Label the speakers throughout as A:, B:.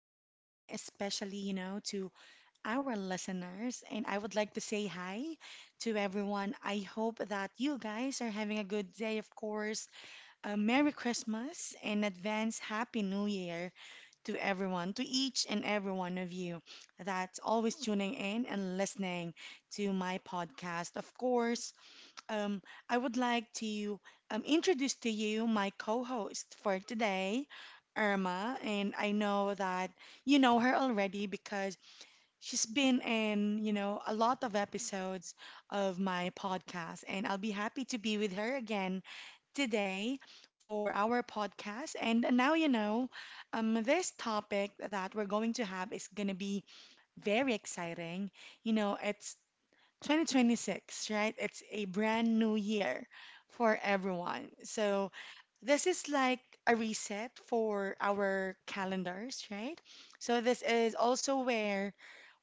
A: everyone, especially, you know, to our listeners. And I would like to say hi to everyone. I hope that you guys are having a good day, of course. A Merry Christmas and advance Happy New Year to everyone, to each and every one of you that's always tuning in and listening to my podcast. Of course, um, I would like to introduce to you my co-host for today, Irma, and I know that you know her already because she's been in, you know, a lot of episodes of my podcast, and I'll be happy to be with her again today for our podcast. And now you know, this topic that we're going to have is gonna be very exciting. You know, it's 2026, right? It's a brand new year for everyone. So, this is like a reset for our calendars, right? So, this is also where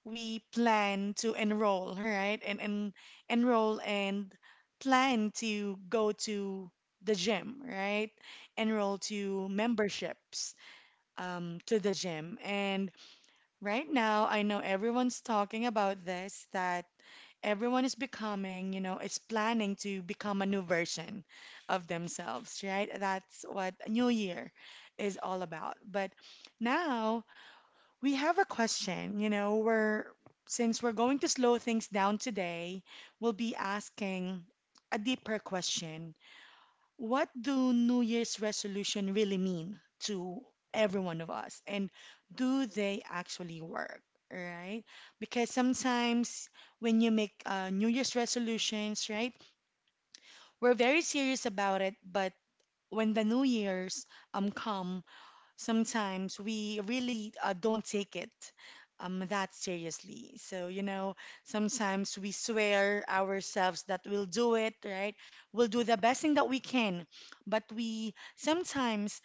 A: we plan to enroll, right? And enroll and plan to go to the gym, right? Enroll to memberships to the gym. And right now, I know everyone's talking about this that everyone is becoming, you know, is planning to become a new version of themselves, right? That's what a new year is all about. But now we have a question, you know, we're since we're going to slow things down today, we'll be asking a deeper question, what do New Year's resolution really mean to every one of us? And do they actually work? Right? Because sometimes when you make New Year's resolutions, right, we're very serious about it, but when the New Year's come, sometimes we really don't take it that seriously. So, you know, sometimes we swear ourselves that we'll do it, right? We'll do the best thing that we can, but we sometimes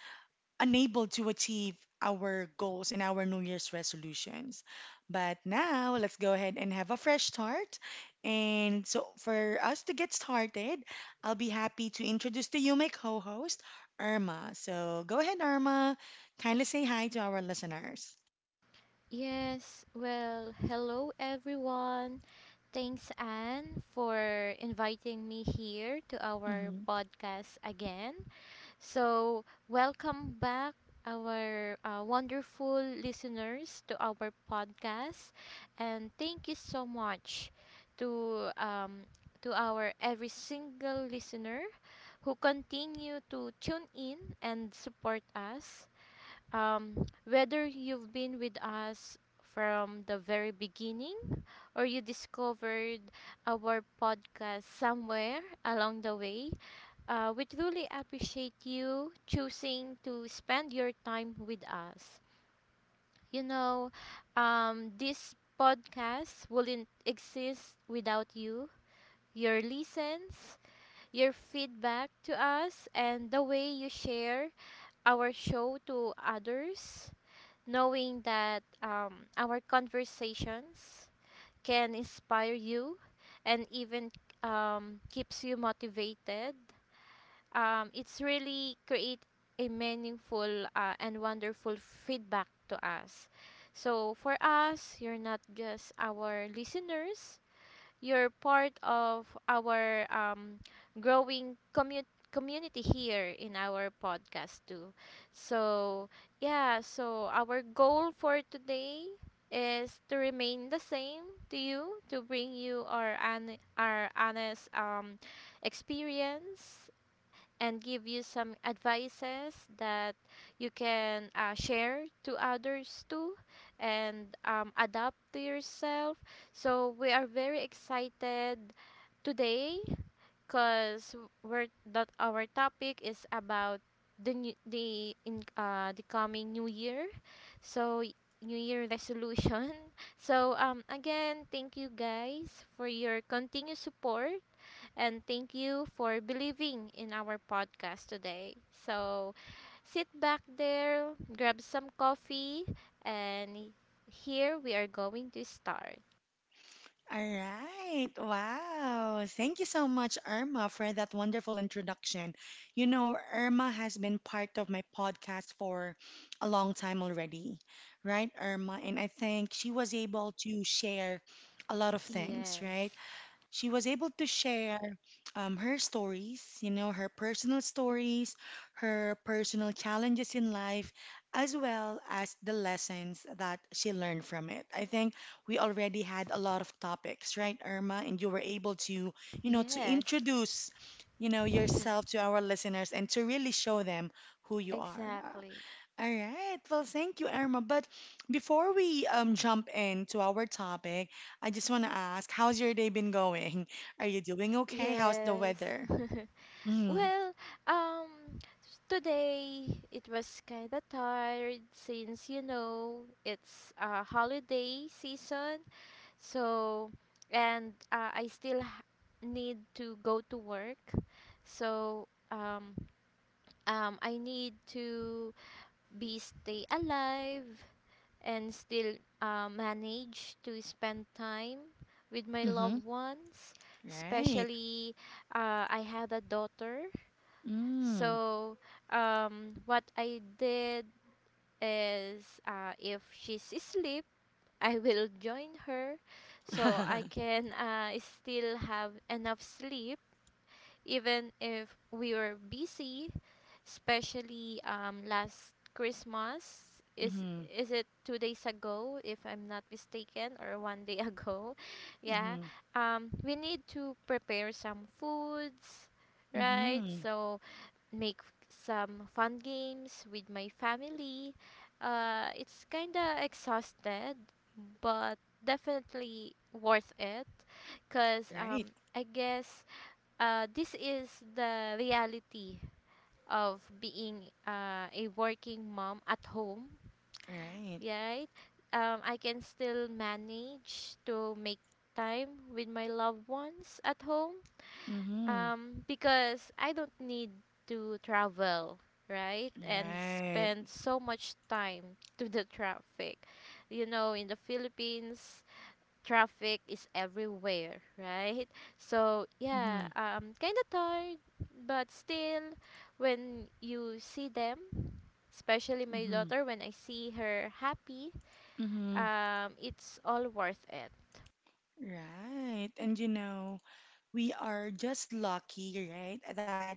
A: unable to achieve our goals and our New Year's resolutions. But now, let's go ahead and have a fresh start. And so, for us to get started, I'll be happy to introduce to you my co host, Irma. So, go ahead, Irma. Kindly say hi to our listeners.
B: Yes, well, hello everyone. Thanks, Anne, for inviting me here to our podcast again. So, welcome back, our wonderful listeners, to our podcast. And thank you so much to, um, to our every single listener who continue to tune in and support us, whether you've been with us from the very beginning or you discovered our podcast somewhere along the way. We truly appreciate you choosing to spend your time with us. You know, this podcast wouldn't exist without you. Your listens, your feedback to us, and the way you share our show to others, knowing that our conversations can inspire you and even keeps you motivated. It's really create a meaningful and wonderful feedback to us. So for us, you're not just our listeners, you're part of our growing community here in our podcast too. So, yeah, so our goal for today is to remain the same to you, to bring you our honest experience and give you some advices that you can share to others too and adapt to yourself. So we are very excited today because we're that our topic is about the coming new year. So new year resolution. So again, thank you guys for your continued support and thank you for believing in our podcast today. So sit back there, grab some coffee, and here we are going to start.
A: All right. Wow. Thank you so much, Irma, for that wonderful introduction. You know, Irma has been part of my podcast for a long time already, right, Irma? And I think she was able to share a lot of things, right?
B: Yes.
A: She was able to share her stories, you know, her personal stories, her personal challenges in life, as well as the lessons that she learned from it. I think we already had a lot of topics, right, Irma? And you were able to, you know, to
B: Yes.
A: introduce, you know, yourself to our listeners and to really show them who you are.
B: Exactly.
A: All right. Well, thank you, Irma. But before we jump into our topic, I just want to ask, how's your day been going? Are you doing okay? How's the
B: Yes.
A: weather? Mm.
B: Well, um today it was kind of tired, since you know it's a holiday season. So, and I still need to go to work. So, I need to be stay alive and still manage to spend time with my
A: Mm-hmm.
B: loved ones.
A: Right.
B: Especially, I had a daughter.
A: Mm.
B: So, what I did is, if she's asleep, I will join her so I can still have enough sleep, even if we were busy, especially last Christmas. Is
A: Mm-hmm.
B: is it 2 days ago, if I'm not mistaken, or one day ago? Yeah.
A: Mm-hmm.
B: We need to prepare some foods, right?
A: Mm-hmm.
B: So some fun games with my family. It's kinda exhausted, but definitely worth it. Cause
A: Right.
B: I guess this is the reality of being a working mom at home,
A: Right.
B: right? I can still manage to make time with my loved ones at home,
A: Mm-hmm.
B: because I don't need to travel, right? And
A: Right.
B: spend so much time to the traffic. You know, in the Philippines, traffic is everywhere, right? So, yeah,
A: Mm-hmm.
B: kind of tired, but still, when you see them, especially my
A: Mm-hmm.
B: daughter, when I see her happy,
A: Mm-hmm.
B: it's all worth it.
A: Right. And you know, we are just lucky, right? That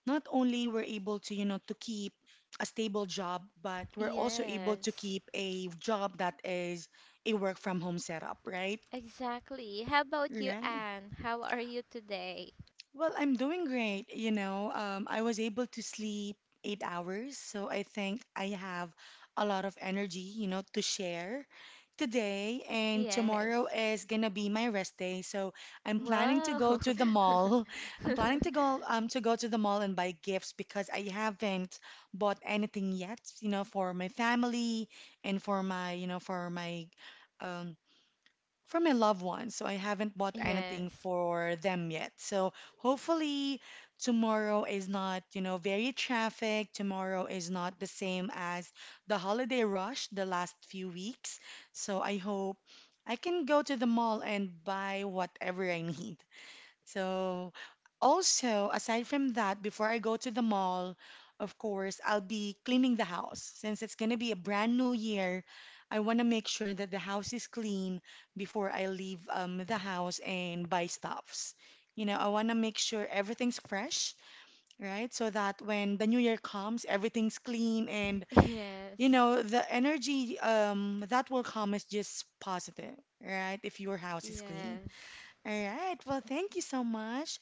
A: not only we're able to, you know, to keep a stable job, but we're also able to
B: Yes.
A: keep a job that is a work from home setup, right?
B: Exactly. How about you,
A: Right.
B: Anne? How are you today?
A: Well, I'm doing great. You know, I was able to sleep 8 hours, so I think I have a lot of energy, you know, to share today. And
B: Yes.
A: tomorrow is gonna be my rest day, so I'm planning to
B: Wow.
A: go to the mall. I'm planning to go to go to the mall and buy gifts because I haven't bought anything yet, you know, for my family and for my, you know, for my um from my loved ones. So I haven't bought anything
B: Yes.
A: for them yet. So hopefully tomorrow is not, you know, very traffic. Tomorrow is not the same as the holiday rush the last few weeks. So I hope I can go to the mall and buy whatever I need. So, also, aside from that, before I go to the mall, of course, I'll be cleaning the house. Since it's going to be a brand new year, I want to make sure that the house is clean before I leave the house and buy stuffs. You know, I want to make sure everything's fresh, right? So that when the new year comes, everything's clean and, you
B: Yes.
A: know, the energy that will come is just positive, right? If your house is clean.
B: Yes.
A: All right. Well, thank you so much,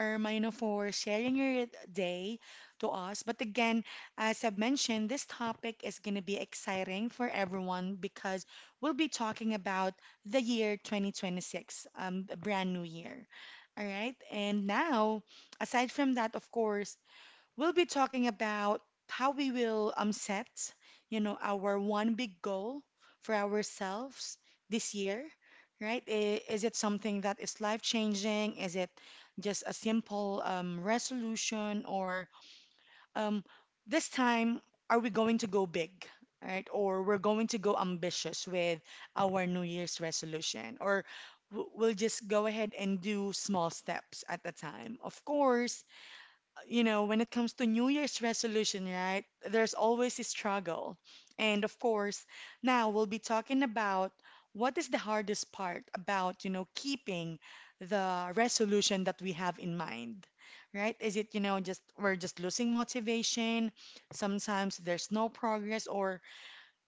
A: Ermino, for sharing your day to us. But again, as I've mentioned, this topic is going to be exciting for everyone because we'll be talking about the year 2026, a brand new year. All right. And now, aside from that, of course, we'll be talking about how we will set, you know, our one big goal for ourselves this year, right? Is it something that is life-changing? Is it just a simple resolution? Or um, this time, are we going to go big, right? Or we're going to go ambitious with our New Year's resolution? Or we'll just go ahead and do small steps at a time. Of course, you know, when it comes to New Year's resolution, right, there's always a struggle. And of course, now we'll be talking about what is the hardest part about, you know, keeping the resolution that we have in mind, right? Is it, you know, just we're just losing motivation, sometimes there's no progress, or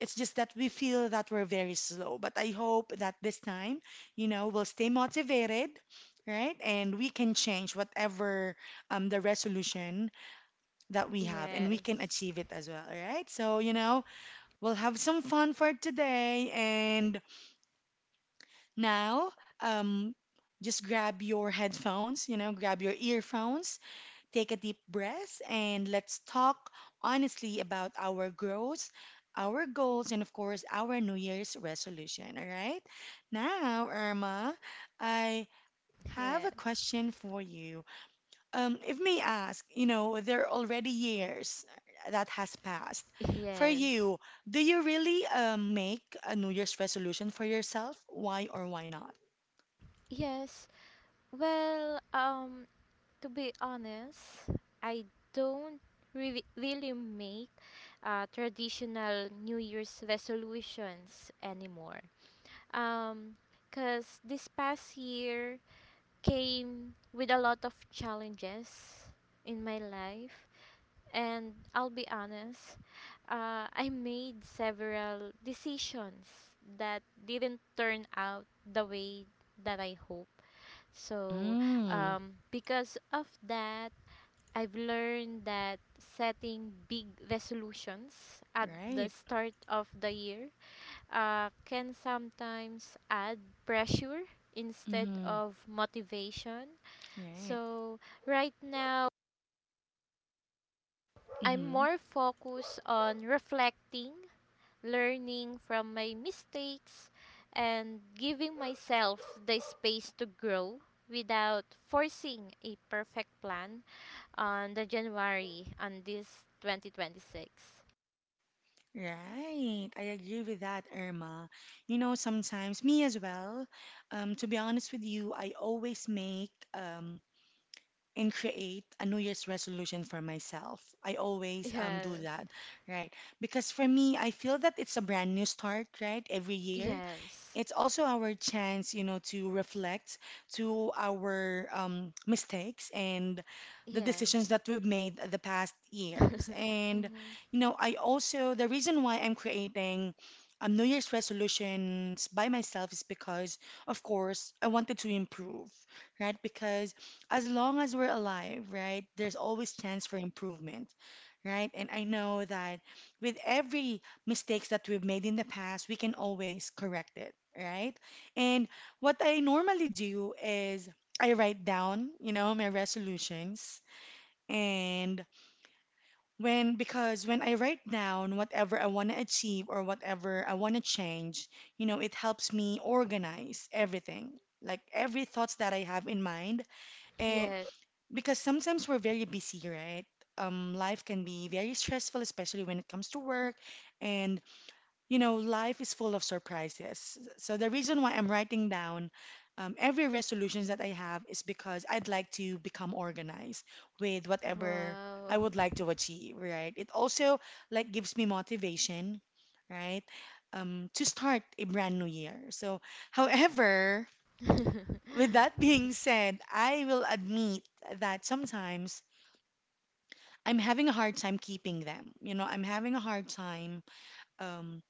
A: it's just that we feel that we're very slow. But I hope that this time, you know, we'll stay motivated, right? And we can change whatever the resolution that we have and we can
B: Yes.
A: achieve it as well, right? So, you know, we'll have some fun for today. And now, um, just grab your headphones, you know, grab your earphones. Take a deep breath and let's talk honestly about our growth, our goals, and of course, our New Year's resolution. All right. Now, Irma, I have a
B: Yes.
A: question for you. If may ask, you know, there are already years that has passed. For
B: Yes.
A: you, do you really make a New Year's resolution for yourself? Why or why not?
B: Yes. Well, to be honest, I don't really make traditional New Year's resolutions anymore. Um, because this past year came with a lot of challenges in my life. And I'll be honest, I made several decisions that didn't turn out the way that I hoped. So,
A: Mm,
B: because of that, I've learned that setting big resolutions at the
A: right.
B: start of the year can sometimes add pressure instead
A: Mm-hmm,
B: of motivation.
A: right.
B: So, right now, I'm
A: Mm-hmm.
B: more focused on reflecting, learning from my mistakes, and giving myself the space to grow without forcing a perfect plan on the January, on this 2026.
A: Right, I agree with that, Irma. You know, sometimes me as well. To be honest with you, I always make and create a New Year's resolution for myself. I always do
B: Yes.
A: that, right? Because for me, I feel that it's a brand new start, right? Every year,
B: Yes.
A: it's also our chance, you know, to reflect to our mistakes and the decisions
B: Yes.
A: that we've made the past years. And,
B: Hmm.
A: you know, I also, the reason why I'm creating New Year's resolutions by myself is because, of course, I wanted to improve, right? Because as long as we're alive, right, there's always chance for improvement, right? And I know that with every mistakes that we've made in the past, we can always correct it, right? And what I normally do is I write down, you know, my resolutions. And when, because when I write down whatever I want to achieve or whatever I want to change, you know, it helps me organize everything. Like every thoughts that I have in mind, eh,
B: Yes.
A: because sometimes we're very busy, right? Life can be very stressful, especially when it comes to work, and you know, life is full of surprises. So the reason why I'm writing down every resolutions that I have is because I'd like to become organized with whatever
B: Wow.
A: I would like to achieve, right? It also like gives me motivation, right? To start a brand new year. So, however, with that being said, I will admit that sometimes I'm having a hard time keeping them. You know, I'm having a hard time um,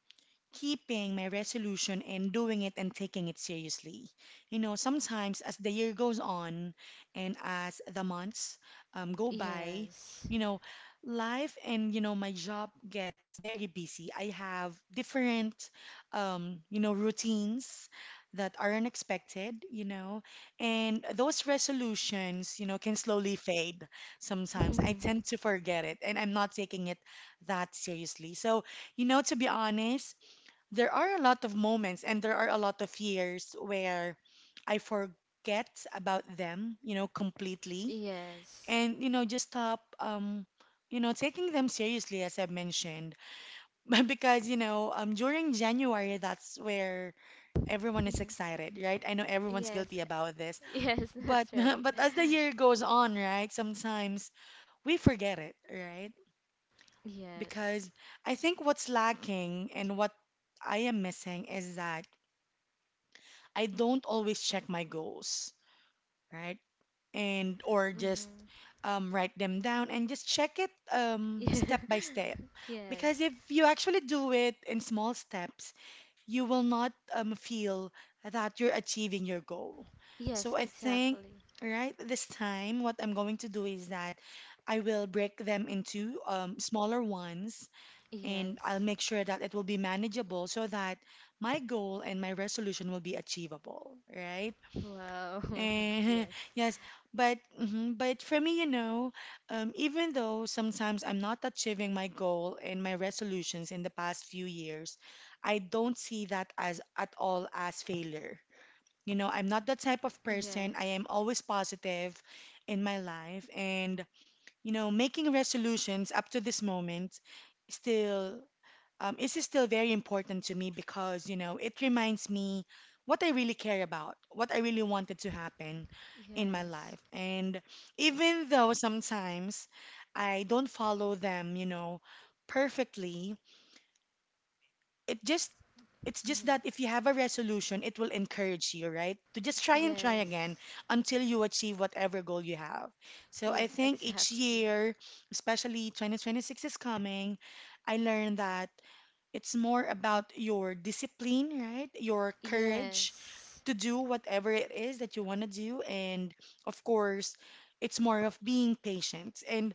A: keeping my resolution and doing it and taking it seriously. You know, sometimes as the year goes on and as the months go by,
B: Yes.
A: you know, life and, you know, my job gets very busy. I have different, you know, routines that are unexpected, you know, and those resolutions, you know, can slowly fade sometimes. I tend to forget it and I'm not taking it that seriously. So, you know, to be honest, there are a lot of moments and there are a lot of years where I forget about them, you know, completely.
B: Yes.
A: And, you know, just stop, you know, taking them seriously, as I mentioned. But because, you know, during January, that's where everyone is excited, right? I know everyone's
B: Yes.
A: guilty about this.
B: Yes,
A: But,
B: that's right.
A: but as the year goes on, right, sometimes we forget it, right?
B: Yes.
A: Because I think what's lacking and what I am missing is that I don't always check my goals, right? And or just
B: Mhm.
A: write them down and just check it
B: Yeah.
A: step by step.
B: Yes.
A: Because if you actually do it in small steps, you will not feel that you're achieving your goal.
B: Yes,
A: So I think,
B: exactly.
A: right, this time what I'm going to do is that I will break them into smaller ones and I'll
B: Yes.
A: make sure that it will be manageable so that my goal and my resolution will be achievable, right?
B: Wow.
A: Eh,
B: Yes.
A: yes, but for me, even though sometimes I'm not achieving my goal and my resolutions in the past few years, I don't see that as at all as failure. You know, I'm not that type of person. I
B: Yes.
A: am always positive in my life, and making resolutions up to this moment still is still very important to me because, it reminds me what I really care about, what I really wanted to happen in my
B: Yes.
A: life. And even though sometimes I don't follow them, perfectly, it just it's just
B: Mhm.
A: that if you have a resolution, it will encourage you, right? To just try and try
B: Yes.
A: again until you achieve whatever goal you have. So I
B: Yes,
A: think each
B: exactly.
A: year, especially 2026 is coming, I learned that it's more about your discipline, right? Your courage
B: Yes.
A: to do whatever it is that you want to do. And of course, it's more of being patient and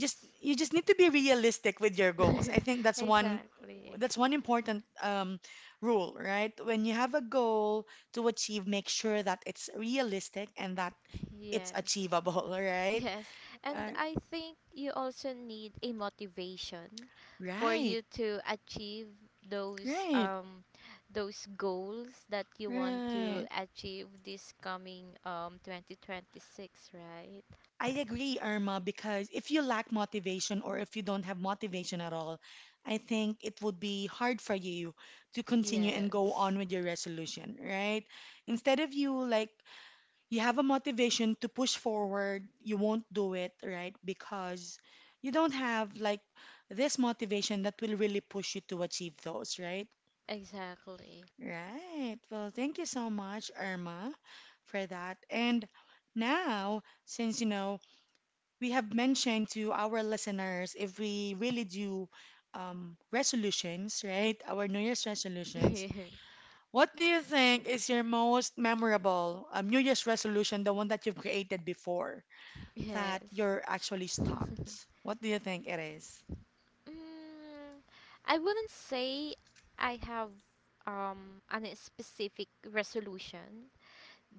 A: just you just need to be realistic with your goals. I think that's one
B: Exactly.
A: that's one important rule, right? When you have a goal to achieve, make sure that it's realistic and that it's
B: Yes.
A: achievable, right?
B: Yes, and
A: Uh,
B: I think you also need a motivation for
A: right,
B: you to achieve those
A: right,
B: um those goals that you want to
A: right.
B: achieve this coming 2026, right?
A: I agree, Irma, because if you lack motivation or if you don't have motivation at all, I think it would be hard for you to continue and go
B: Yes.
A: on with your resolution, right? Instead of you like you have a motivation to push forward, you won't do it, right? Because you don't have like this motivation that will really push you to achieve those, right?
B: Exactly.
A: Right. Well, thank you so much, Irma, for that. And now, since we have mentioned to our listeners if we really do resolutions, right? Our New Year's resolutions. What do you think is your most memorable New Year's resolution, the one that you've created before
B: Yes.
A: that you're actually stopped? What do you think it is?
B: Mm, I wouldn't say I have an specific resolution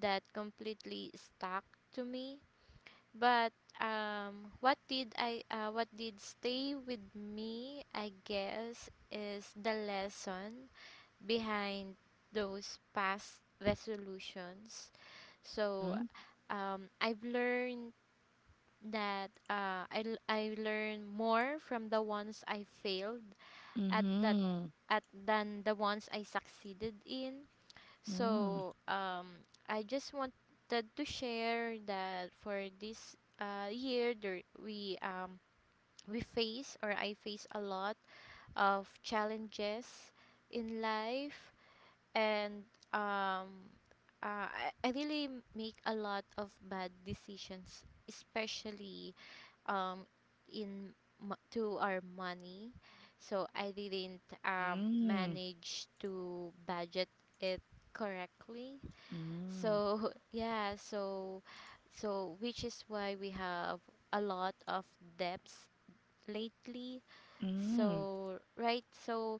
B: that completely stuck to me. But what did stay with me, I guess, is the lesson behind those past resolutions. So,
A: Mm-hmm.
B: I've learned that I learn more from the ones I failed at that
A: Mm-hmm.
B: at than the ones I succeeded in.
A: Mm.
B: So, I just wanted to share that for this year, there, we face or I face a lot of challenges in life, and um, I really make a lot of bad decisions, especially um, in to our money. So I didn't
A: Mm.
B: manage to budget it correctly,
A: Mm.
B: so yeah, so which is why we have a lot of debts lately.
A: Mm.
B: So right, so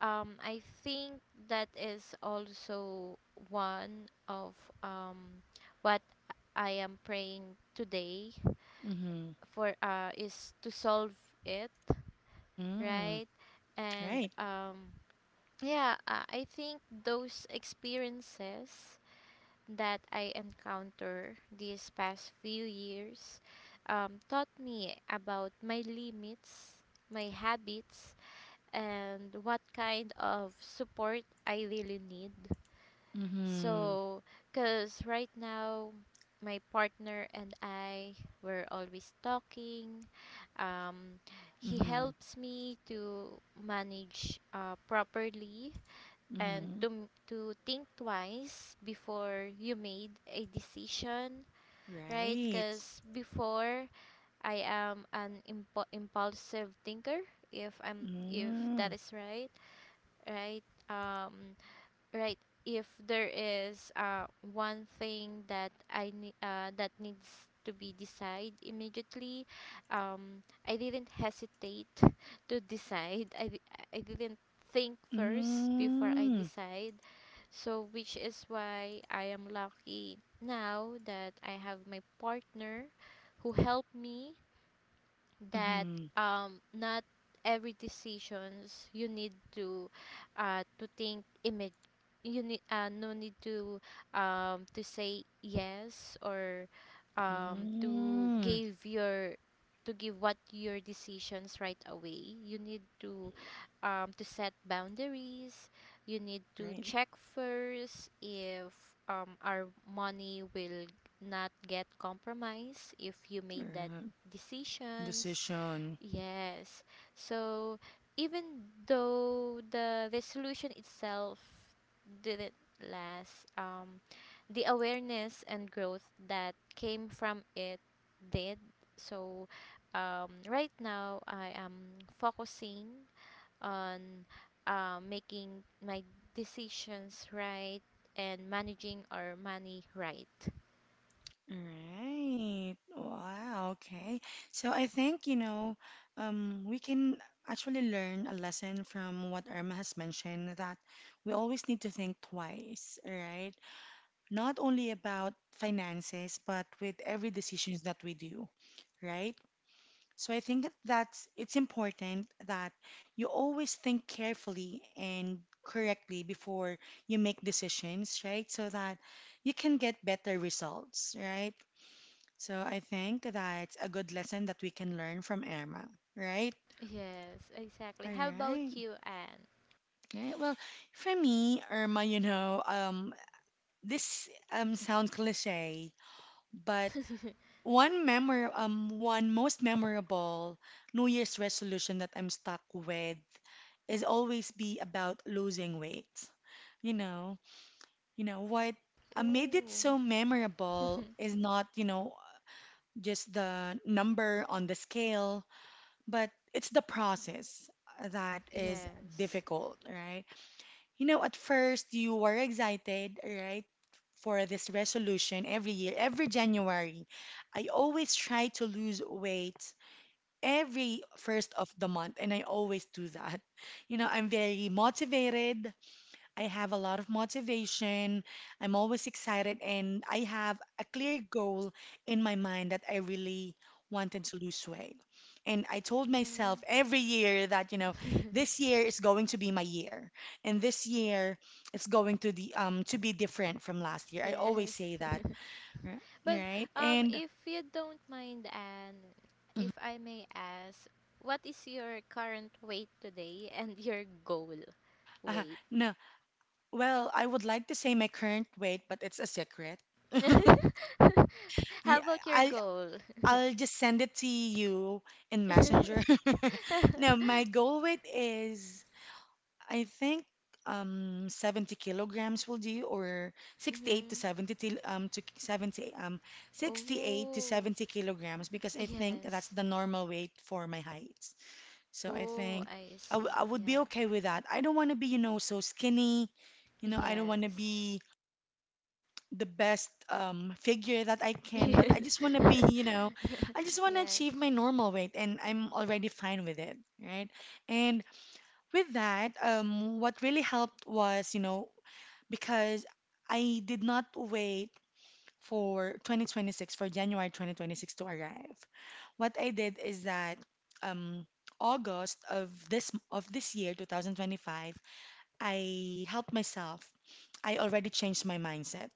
B: I think that is also one of um what I am praying today
A: Mm.
B: for, is to solve it,
A: Mm.
B: right? And
A: Right.
B: yeah, I think those experiences that I encounter these past few years taught me about my limits, my habits, and what kind of support I really need.
A: Mm-hmm.
B: So, because right now, my partner and I were always talking. Um, he
A: Mm-hmm.
B: helps me to manage properly, and
A: Mm-hmm.
B: to to think twice before you made a decision, right?
A: Right.
B: Because before, I am an impulsive thinker, if I'm, if that
A: Mm.
B: is right, right um right. If there is one thing that I need, that needs to be decided immediately, um I didn't hesitate to decide. I I didn't think first before I
A: Mm,
B: decide. So, which is why I am lucky now that I have my partner who helped me that
A: mm,
B: not every decisions you need to to think image. You need, no need to say yes, or um to
A: mm.
B: give your to give what your decisions right away. You need to set boundaries. You need to
A: Right.
B: check first if our money will not get compromised if you made that
A: Uh,
B: decisions.
A: decision.
B: Yes. So even though the resolution itself didn't last, the awareness and growth that came from it did. So, right now I am focusing on making my decisions right and managing our money right.
A: Right. Wow. Okay. So I think, we can actually learn a lesson from what Irma has mentioned that we always need to think twice, right? Not only about finances, but with every decisions that we do, right? So I think that's it's important that you always think carefully and correctly before you make decisions, right? So that you can get better results, right? So I think that's a good lesson that we can learn from Irma, right?
B: Yes, exactly.
A: All
B: How about
A: right.
B: you, Anne?
A: All right. Well, for me, Irma, this sounds cliche, but one most memorable New Year's resolution that I'm stuck with is always be about losing weight. You know, you know what made it
B: Ooh.
A: so memorable is not, just the number on the scale, but it's the process that is
B: Yes.
A: difficult, right? You know, at first you were excited, right? For this resolution every year, every January, I always try to lose weight every first of the month, and I always do that. You know, I'm very motivated. I have a lot of motivation. I'm always excited, and I have a clear goal in my mind that I really wanted to lose weight. And I told myself
B: Hmm.
A: every year that, this year is going to be my year, and this year it's going to be different from last year. I always
B: Yes.
A: say that, r-
B: But
A: right? And
B: if you don't mind, and if I may ask, what is your current weight today and your goal
A: uh,
B: weight?
A: no, well, I would like to say my current weight, but it's a secret.
B: How
A: Yeah,
B: about your
A: I
B: goal?
A: I'll just send it to you in Messenger.
B: Mhm.
A: No, my goal weight is I think 70 kilograms will do or 68 to 70 til- um to 70 um 68 to
B: Oh.
A: 70 kilograms because I think that's
B: Yes.
A: the normal weight for my height. So I
B: Oh,
A: think
B: I
A: I, w
B: see.
A: I would be
B: Yeah.
A: okay with that. I don't want to be, so skinny. You know, I don't want to
B: Yes.
A: be the best figure that I can, but I
B: Yes.
A: just want to be, I just want to
B: Yes.
A: achieve my normal weight, and I'm already fine with it, right? And with that, what really helped was, because I did not wait for 2026, for January 2026 to arrive. What I did is that um, August of this year, 2025, I helped myself. I already changed my mindset.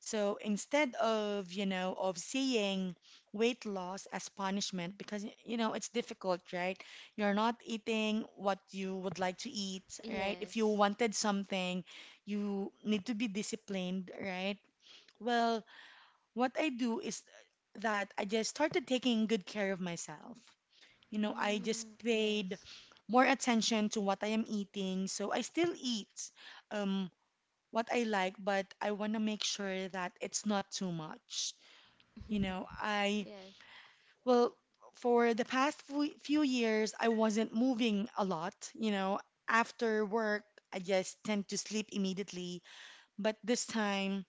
A: So instead of seeing weight loss as punishment, because, it's difficult, right? You're not eating what you would like to eat, right? If you
B: Yes.
A: wanted something, you need to be disciplined, right? Well, what I do is that I just started taking good care of myself. You know, I just
B: Mm,
A: paid
B: yes.
A: more attention to what I am eating. So I still eat. Um, what I like, but I want to make sure that it's not too much. You know, I,
B: Yes.
A: well, for the past few years, I wasn't moving a lot. You know, after work, I just tend to sleep immediately. But this time,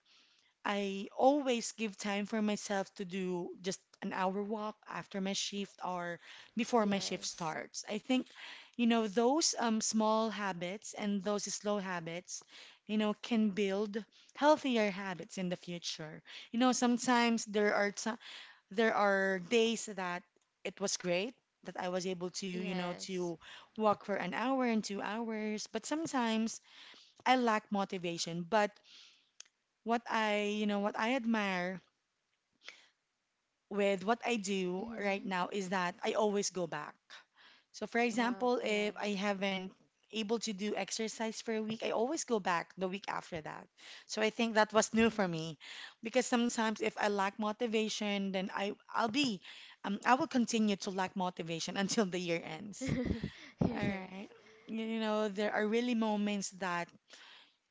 A: I always give time for myself to do just an hour walk after my shift or before my shift
B: Yes.
A: starts. I think, those small habits and those slow habits, can build healthier habits in the future. You know, sometimes there are days that it was great that I was able to, you know,
B: Yes.
A: to walk for an hour and 2 hours, but sometimes I lack motivation. But what I admire with what I do right
B: Mm.
A: now is that I always go back. So for
B: Wow.
A: example, if I
B: Yes.
A: haven't able to do exercise for a week, I always go back the week after that. So I think that was new for
B: Mm.
A: me because sometimes if I lack motivation, then I I'll be I will continue to lack motivation until the year ends. All
B: Yes.
A: right. You know, there are really moments that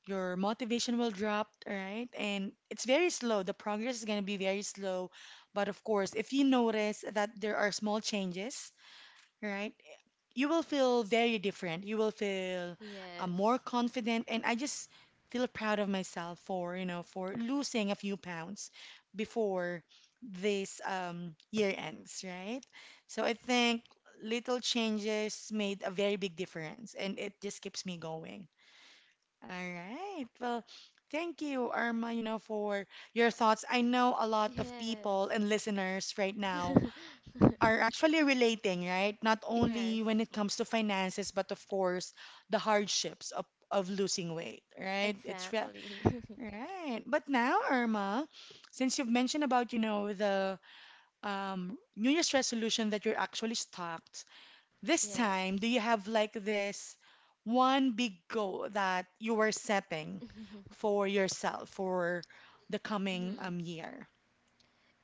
A: your motivation will drop, right? And it's very slow. The progress is going to be very slow. But of course, if you notice that there are small changes, right? You will feel very different. You will feel more
B: Yes.
A: confident. And I just feel proud of myself for losing a few pounds before this year ends, right? So I think little changes made a very big difference and it just keeps me going. All right. Well, thank you, Irma, for your thoughts. I know a lot of people
B: Yes.
A: and listeners right now are actually relating, right? Not
B: Yes.
A: only when it comes to finances, but of course, the hardships of losing weight, right? It's re
B: Exactly.
A: Right. But now, Irma, since you've mentioned about, the New Year's resolution that you're actually stopped, this time, do
B: Yes.
A: you have like this one big goal that you were setting for yourself for the coming
B: Mhm.
A: year?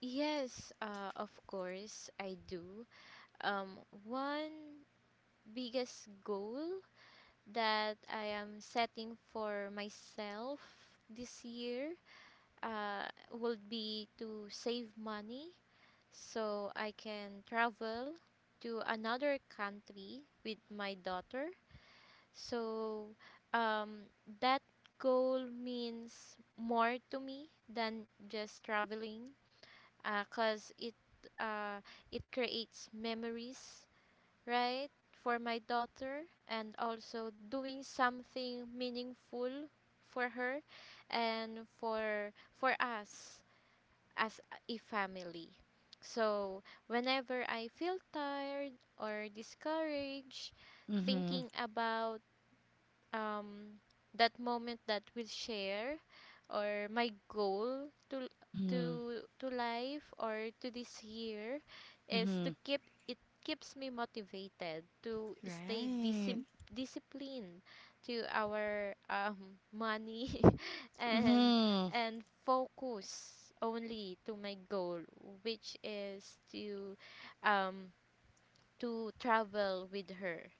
B: Yes, of course I do. Um, One biggest goal that I am setting for myself this year would be to save money so I can travel to another country with my daughter. So, um, that goal means more to me than just traveling, because it, uh, it creates memories, right? For my daughter, and also doing something meaningful for her and for us as a family. So, whenever I feel tired or discouraged,
A: Mm-hmm.
B: thinking about um that moment that we'll share, or my goal
A: Mm-hmm.
B: to life or to this year, is
A: Mm-hmm.
B: to keep it keeps me motivated to stay
A: Right.
B: disciplined to our money and
A: Mm-hmm.
B: focus only to my goal, which is um to travel with her.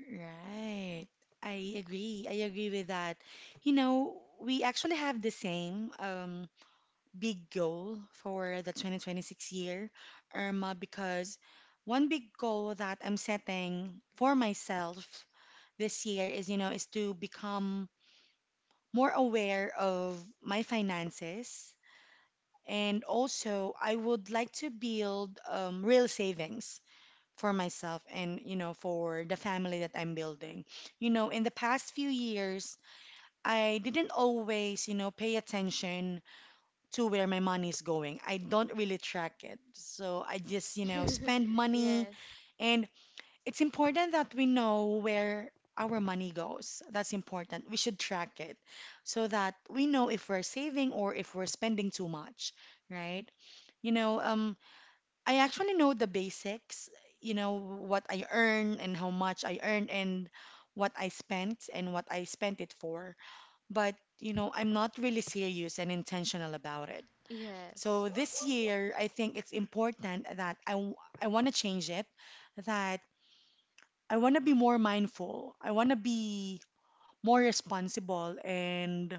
A: Right. I agree. I agree with that. You know, we actually have the same big goal for the 2026 year, Irma, because one big goal that I'm setting for myself this year is to become more aware of my finances. And also, I would like to build real savings for myself and, for the family that I'm building. You know, in the past few years, I didn't always, pay attention to where my money is going. I don't really track it. So I just, spend money
B: Yes.
A: and it's important that we know where our money goes. That's important. We should track it so that we know if we're saving or if we're spending too much, right? You know, um, I actually know the basics, what I earn and how much I earn and what I spent and what I spent it for. But, I'm not really serious and intentional about it.
B: Yes.
A: So this year, I think it's important that I want to change it, that I want to be more mindful. I want to be more responsible and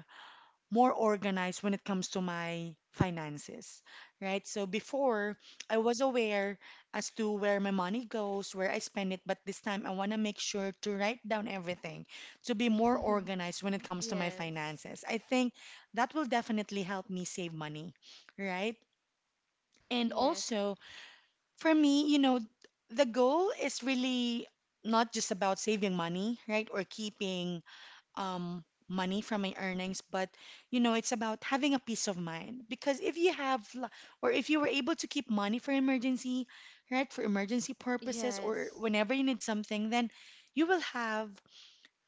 A: more organized when it comes to my finances, right? So before, I was aware as to where my money goes, where I spend it, but this time I want to make sure to write down everything to be more organized when it comes to my
B: Yes.
A: finances. I think that will definitely help me save money, right? And
B: Yes.
A: also, for me, you know, the goal is really not just about saving money, right? Or keeping money from my earnings, but, you know, it's about having a peace of mind. Because if you have, or if you were able to keep money for emergency, right? For emergency purposes or
B: Yes.
A: whenever you need something, then you will have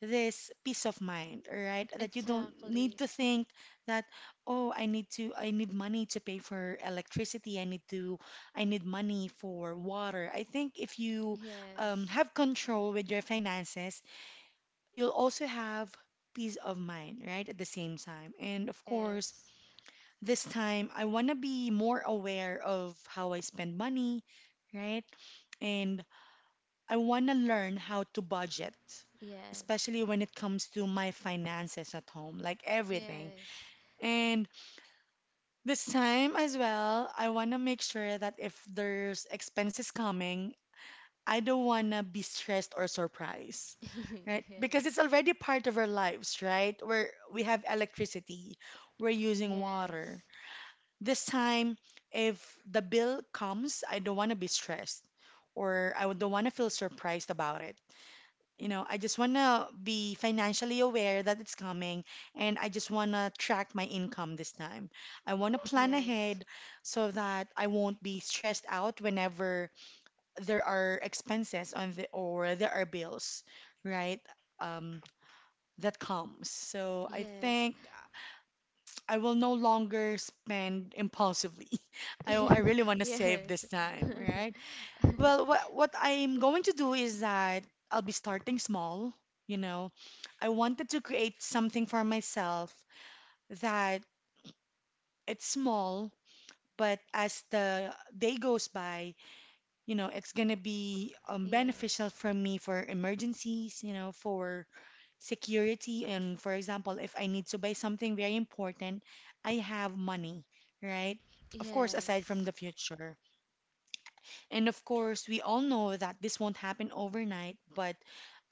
A: this peace of mind, all right? That you don't need
B: Exactly.
A: to think that, oh, I need money to pay for electricity. I need money for water. I think if you
B: Yes.
A: have control with your finances, you'll also have peace of mind, right? At the same time. And of course,
B: Yes.
A: this time I want to be more aware of how I spend money, right? And I want to learn how to budget,
B: Yes.
A: especially when it comes to my finances at home, like everything.
B: Yes.
A: And this time as well, I want to make sure that if there's expenses coming, I don't want to be stressed or surprised, right? Because it's already part of our lives, right? Where we have electricity, we're using water.
B: Yes.
A: This time, if the bill comes, I don't want to be stressed or I don't want to feel surprised about it. You know, I just want to be financially aware that it's coming and I just want to track my income this time. I want to plan
B: Yes.
A: ahead so that I won't be stressed out whenever there are expenses on the or there are bills, right? Um, that comes. So
B: Yes.
A: I
B: Yes.
A: think I will no longer spend impulsively. I really want to save
B: Yes.
A: this time, right? Well, what I'm going to do is that I'll be starting small, you know. I wanted to create something for myself that it's small, but as the day goes by, you know, it's gonna be beneficial
B: Yes.
A: for me for emergencies, you know, for security. And for example, if I need to buy something very important, I have money, right? Of course, aside from
B: Yes.
A: the future. And of course, we all know that this won't happen overnight, but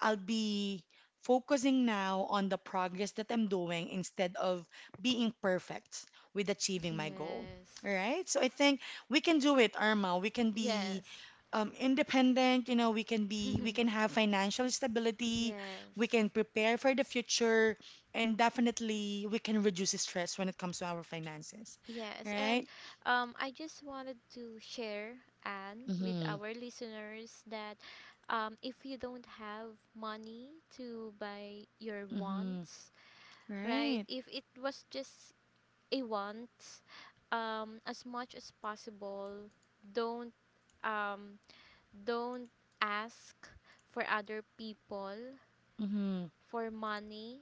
A: I'll be focusing now on the progress that I'm doing instead of being perfect with achieving my goal. All right? So I think we can do it, Irma. We can
B: Yes.
A: be
B: Yes.
A: independent, you know, we can have financial stability, we
B: Yes.
A: can prepare for the future, and definitely we can reduce stress when it comes to our finances.
B: Yes, and
A: Right?
B: I just wanted to share, Anne, with
A: Mm-hmm.
B: our listeners that if you don't have money to buy your
A: Mm-hmm.
B: wants, right?
A: Right.
B: If it was just a want, as much as possible, don't um, don't ask for other people
A: Mm-hmm.
B: for money,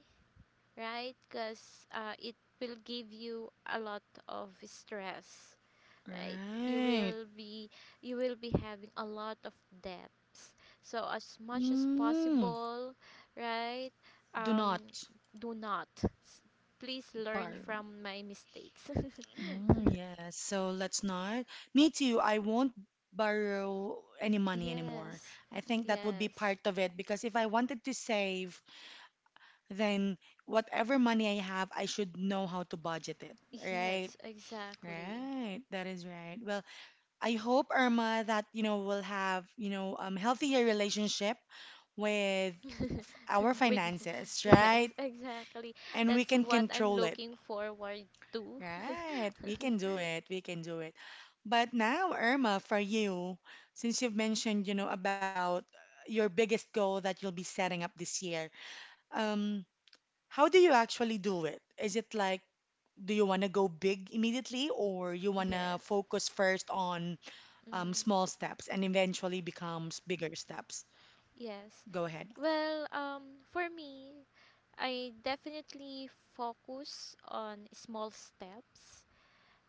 B: right? Because it will give you a lot of stress, right? you
A: Right.
B: will be you will be having a lot of debts. So as much as
A: Mm,
B: possible, right,
A: do
B: um
A: not
B: do not, S- please learn
A: borrow.
B: from my mistakes.
A: Mm, yes. So let's not. Me too. I won't borrow any money anymore.
B: Yes.
A: I think that would be
B: Yes.
A: part of it because if I wanted to save, then whatever money I have, I should know how to budget it. Right.
B: Yes, exactly.
A: Right. That is right. Well, I hope, Irma, that you know we'll have you know healthier relationship with our
B: With,
A: finances,
B: yes,
A: right?
B: exactly,
A: And we
B: that's
A: can
B: what I'm
A: control it.
B: looking forward to.
A: Right, we can do it. We can do it. But now, Irma, for you, since you've mentioned, you know, about your biggest goal that you'll be setting up this year, um, how do you actually do it? Is it like, do you want to go big immediately, or you want to
B: Yes.
A: focus first on
B: Mm.
A: small steps and eventually becomes bigger steps?
B: Yes.
A: Go ahead.
B: Well, for me, I definitely focus on small steps.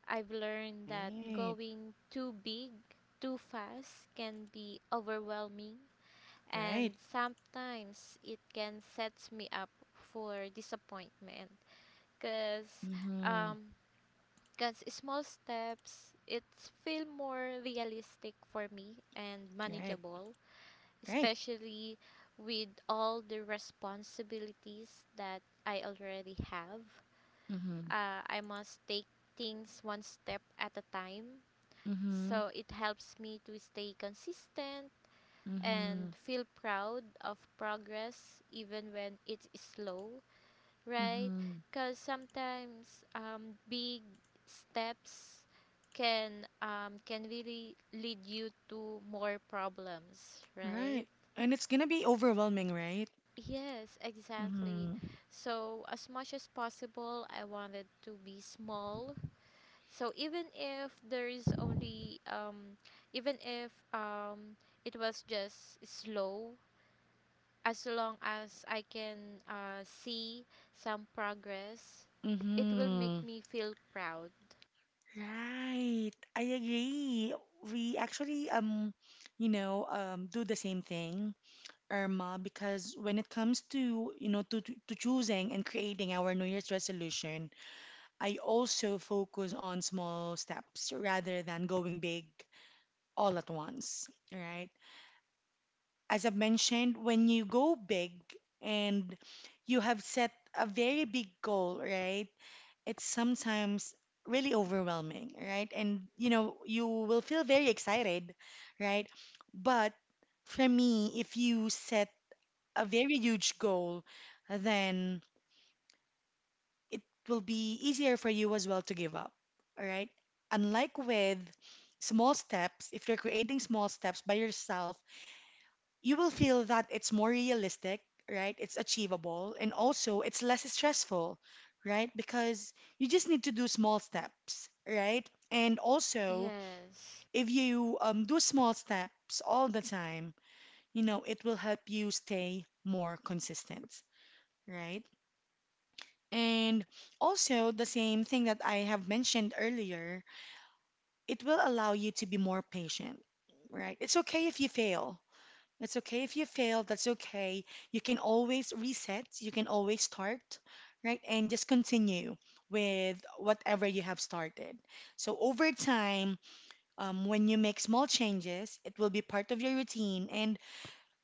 B: I've learned that
A: Right,
B: going too big, too fast can be overwhelming, and
A: right.
B: sometimes it can set me up for disappointment. Cause,
A: Mm-hmm.
B: um, cause small steps, it feel more realistic for me and
A: Right,
B: manageable,
A: right.
B: especially with all the responsibilities that I already have.
A: Mm-hmm.
B: I must take things one step at a time.
A: Mm-hmm.
B: So it helps me to stay consistent
A: Mm-hmm.
B: and feel proud of progress even when it's slow, right?
A: Mm-hmm.
B: Because sometimes big steps can, can really lead you to more problems, right?
A: Right. And it's gonna be overwhelming, right?
B: Yes, exactly.
A: Mm-hmm.
B: So, as much as possible, I wanted to be small. So, even if there is only, even if it was just slow, as long as I can see some progress, it will
A: Mm-hmm.
B: make me feel proud.
A: Right. I agree. We actually you know, do the same thing, Irma, because when it comes to, you know, to choosing and creating our New Year's resolution, I also focus on small steps rather than going big all at once, right? As I've mentioned, when you go big and you have set a very big goal, right? It's sometimes really overwhelming, right? And you know, you will feel very excited, right? But for me, if you set a very huge goal, then it will be easier for you as well to give up, all right? Unlike with small steps, if you're creating small steps by yourself, you will feel that it's more realistic, right? It's achievable and also it's less stressful, right? Because you just need to do small steps, right? And also,
B: Yes,
A: if you do small steps all the time, you know, it will help you stay more consistent, right? And also, the same thing that I have mentioned earlier, it will allow you to be more patient, right? It's okay if you fail, that's okay. You can always reset, you can always start, right? And just continue with whatever you have started. So over time, when you make small changes, it will be part of your routine and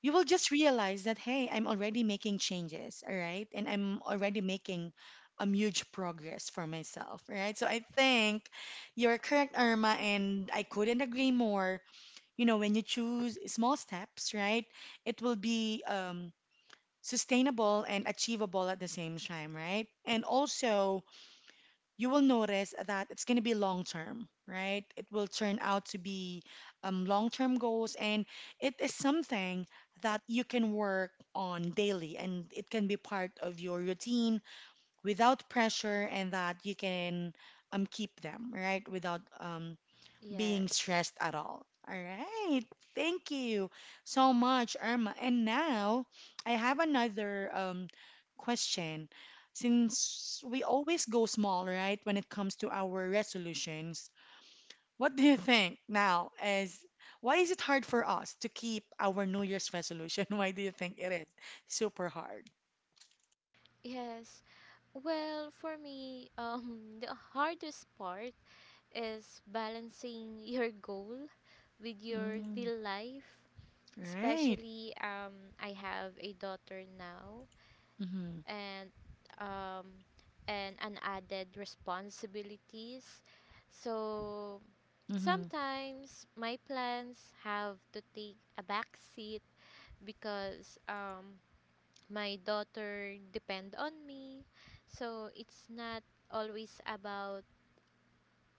A: you will just realize that, hey, I'm already making changes, all right? And I'm already making huge progress for myself, right? So I think you're correct, Irma, and I couldn't agree more, you know, when you choose small steps, right? It will be sustainable and achievable at the same time, right? And also you will notice that it's going to be long term, right? It will turn out to be long term goals and it is something that you can work on daily and it can be part of your routine without pressure and that you can keep them, right, without being
B: yes,
A: stressed at all. All right. Thank you so much, Irma. And now I have another question. Since we always go small, right, when it comes to our resolutions, what do you think now is why is it hard for us to keep our New Year's resolution? Why do you think it is super hard?
B: yes. Well, for me, the hardest part is balancing your goal with your
A: Mm,
B: real life.
A: right.
B: Especially, I have a daughter now,
A: Mm-hmm.
B: and um, and an added responsibilities. So
A: Mm-hmm.
B: sometimes my plans have to take a back seat because my daughter depend on me. So it's not always about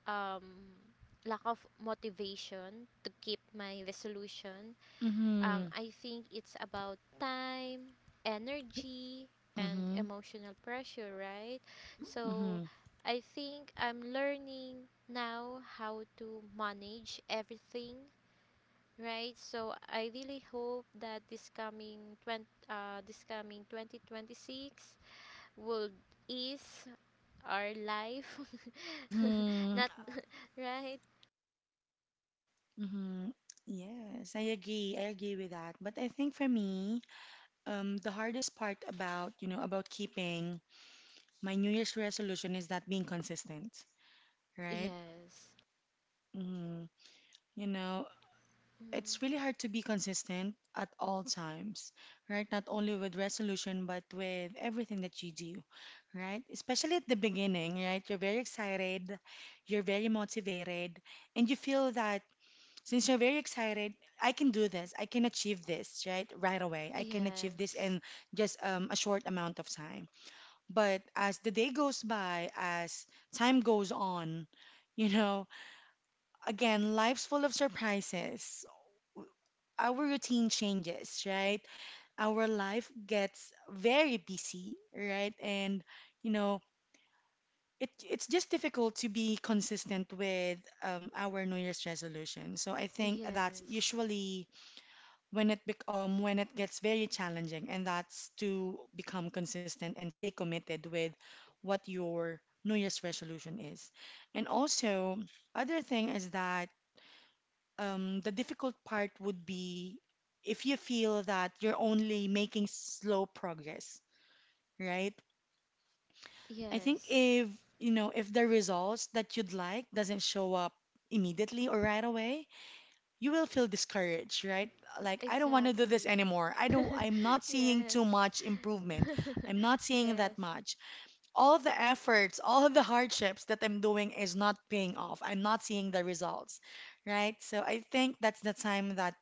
B: um, lack of motivation to keep my resolution.
A: Mm-hmm.
B: I think it's about time, energy, and emotional pressure, right? So
A: Mm-hmm.
B: I think I'm learning now how to manage everything, right. So I really hope that this coming this coming 2026 will ease our life
A: Mm-hmm.
B: not right.
A: Mm-hmm. Yes, I agree. I agree with that. But I think for me, the hardest part about, you know, about keeping my New Year's resolution is that being consistent, right?
B: Yes.
A: Mm-hmm. You know,
B: Mm.
A: it's really hard to be consistent at all times, right? Not only with resolution, but with everything that you do, right? Especially at the beginning, right? You're very excited, you're very motivated, and you feel that since you're very excited, I can do this, I can achieve this, right, right away. I can achieve this
B: Yes.
A: in just a short amount of time, but as the day goes by, as time goes on, you know, again life's full of surprises, our routine changes, right? Our life gets very busy, right? And, you know, it's just difficult to be consistent with our new year's resolution. So I think that's
B: Yes.
A: usually when when it gets very challenging, and that's to become consistent and stay committed with what your New Year's resolution is. And also, other thing is that the difficult part would be if you feel that you're only making slow progress, right? I think
B: Yes.
A: if you know if the results that you'd like doesn't show up immediately or right away, you will feel discouraged, right? Like, I don't want to do this
B: Exactly.
A: anymore. I'm not seeing
B: Yes.
A: too much improvement. I'm not seeing
B: Yes.
A: that much. All the efforts, all of the hardships that I'm doing is not paying off. I'm not seeing the results, right? So I think that's the time that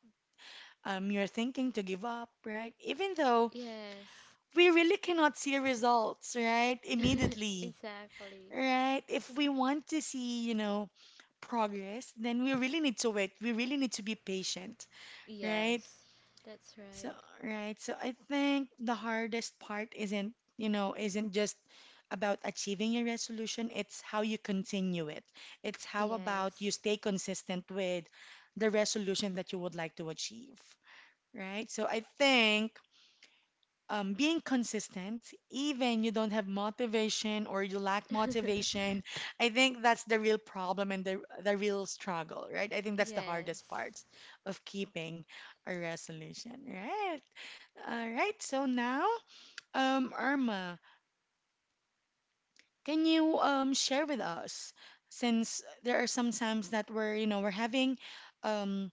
A: you're thinking to give up, right? Even though
B: Yes.
A: we really cannot see results, right? Immediately.
B: Exactly.
A: Right? If we want to see, you know, progress, then we really need to wait. We really need to be patient, right?
B: Yes. That's
A: So,
B: right.
A: right. So I think the hardest part isn't, you know, isn't just about achieving your resolution, it's how you continue it. It's how about you
B: Yes.
A: stay consistent with the resolution that you would like to achieve, right? So I think being consistent, even you don't have motivation or you lack motivation, I think that's the real problem and the real struggle, right? I think that's the hardest
B: Yes.
A: part of keeping a resolution, right? All right, so now, Irma, can you share with us since there are some times that we're, you know, we're having um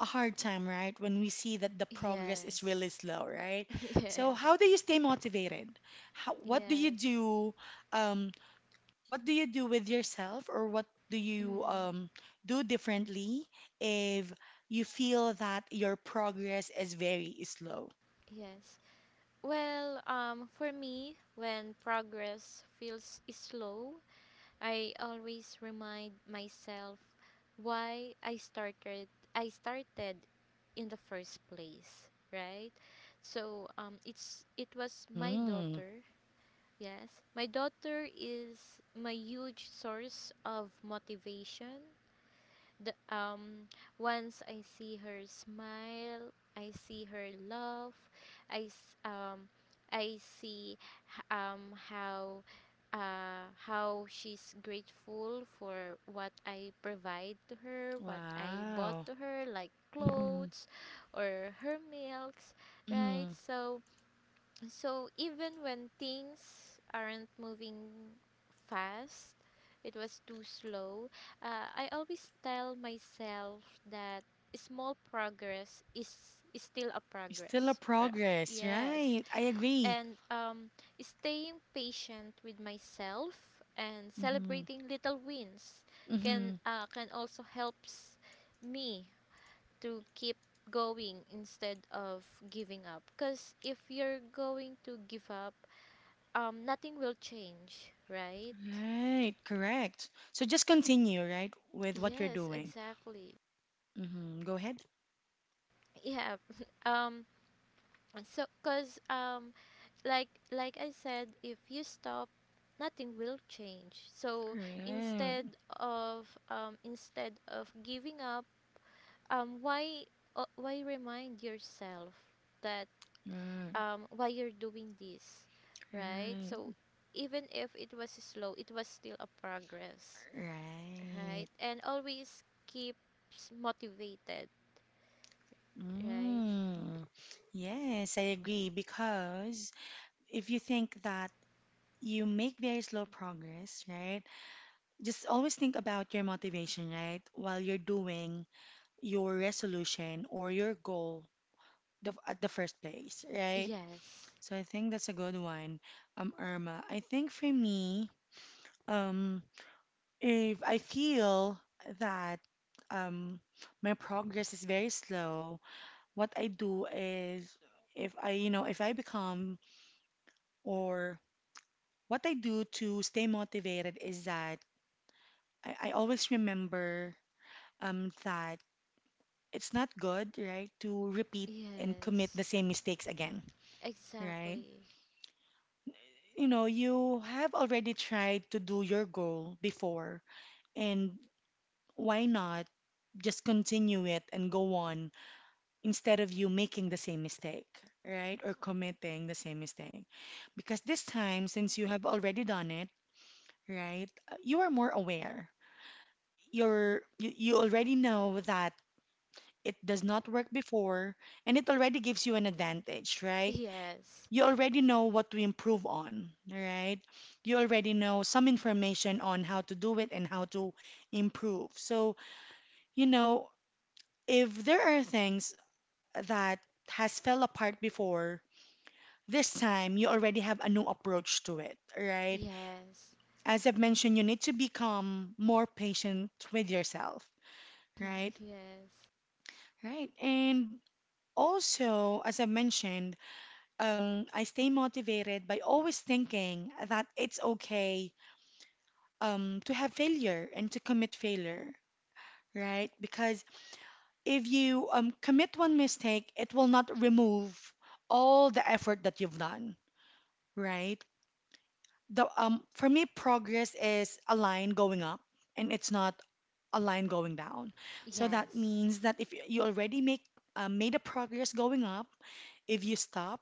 A: a hard time, right? When we see that the progress is really
B: Yes.
A: slow, right? So
B: Yes.
A: how do you stay motivated? How, what do you
B: Yes.
A: do? Um, what do you do with yourself, or what do you
B: Mm.
A: do differently if you feel that your progress is very slow?
B: Yes. Well, for me, when progress feels slow, I always remind myself why I started in the first place, right? So it was my
A: Mm-hmm.
B: daughter, yes. My daughter is my huge source of motivation. The Once I see her smile, I see her laugh, I s- um I see um how how she's grateful for what I provide to her, what I bought
A: Wow.
B: to her, like
A: Mm-hmm.
B: clothes or her milks, right?
A: Mm-hmm.
B: So, so even when things aren't moving fast, it was too slow. I always tell myself that small progress is still a
A: Still a
B: progress. Right?
A: progress,
B: Yes,
A: right? I agree.
B: and staying patient with myself and
A: Mm-hmm.
B: celebrating little wins
A: Mm-hmm.
B: can also helps me to keep going instead of giving up, because if you're going to give up, nothing will change, right?
A: Right, correct. So just continue, right, with what you're
B: Yes,
A: doing.
B: exactly.
A: Mm-hmm. Go ahead.
B: Yeah. um so because like I said, if you stop, nothing will change. So
A: Right,
B: instead of giving up, um, why why remind yourself that
A: right,
B: why you're doing this, right? So
A: right,
B: even if it was slow, it was still a progress,
A: right.
B: right? And always keeps motivated, right?
A: Mm. Yes, I agree because if you think that you make very slow progress, right? Just always think about your motivation, right? While you're doing your resolution or your goal the, at the first place, right?
B: Yes,
A: So I think that's a good one, Irma. I think for me, um, if I feel that um, my progress is very slow, what I do is if I, you know, if I become or what I do to stay motivated is that I always remember that it's not good, right, to repeat and commit the
B: yes,
A: same mistakes again, right?
B: exactly.
A: you know, you have already tried to do your goal before, and why not just continue it and go on instead of you making the same mistake, right? Or committing the same mistake. Because this time, since you have already done it, right, you are more aware. You already know that it does not work before, and it already gives you an advantage, right?
B: Yes,
A: You already know what to improve on, right? You already know some information on how to do it and how to improve. So, you know, if there are things that has fell apart before, this time you already have a new approach to it, right?
B: yes.
A: As I've mentioned, you need to become more patient with yourself, right?
B: Yes.
A: Right. And also, as I mentioned, I stay motivated by always thinking that it's okay to have failure and to commit failure, right? Because if you commit one mistake, it will not remove all the effort that you've done, right? The For me, progress is a line going up, and it's not a line going down. So that
B: Yes.
A: means that if you already make made a progress going up, if you stop,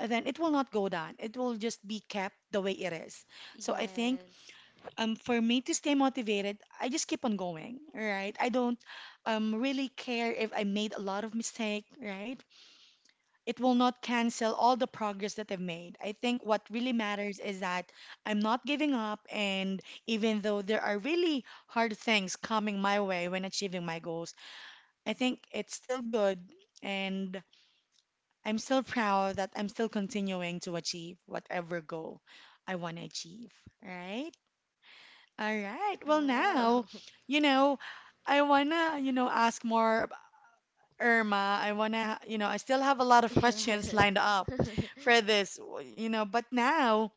A: then it will not go down. It will just be kept the way it is. So I think
B: Yes.
A: for me to stay motivated, I just keep on going, right? I don't really care if I made a lot of mistake, right? It will not cancel all the progress that I've made. I think what really matters is that I'm not giving up, and even though there are really hard things coming my way when achieving my goals, I think it's still good, and I'm still proud that I'm still continuing to achieve whatever goal I want to achieve, right? All right. Well,
B: Wow.
A: now, you know, I wanna, you know, ask more about Irma. I wanna, you know, I still have a lot of questions
B: Yes.
A: lined up for this, you know, but now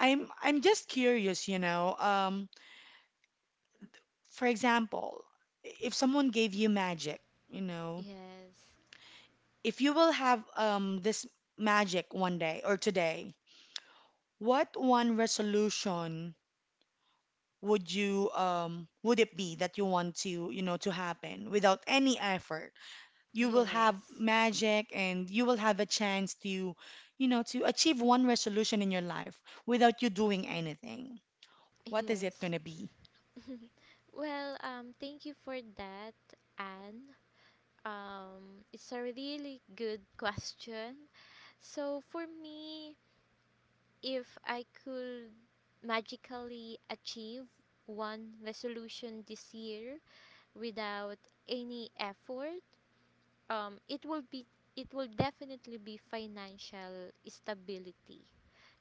A: I'm just curious, you know. For example, if someone gave you magic, you know,
B: Yes.
A: if you will have this magic one day or today, what one resolution would you would it be that you want to, you know, to happen without any effort? You will have
B: Yes.
A: magic and you will have a chance to, you know, to achieve one resolution in your life without you doing anything. What is it
B: Yes.
A: going to be?
B: Well, thank you for that, Anne. It's a really good question. So for me, if I could magically achieve one resolution this year without any effort, it will be, it will definitely be financial stability,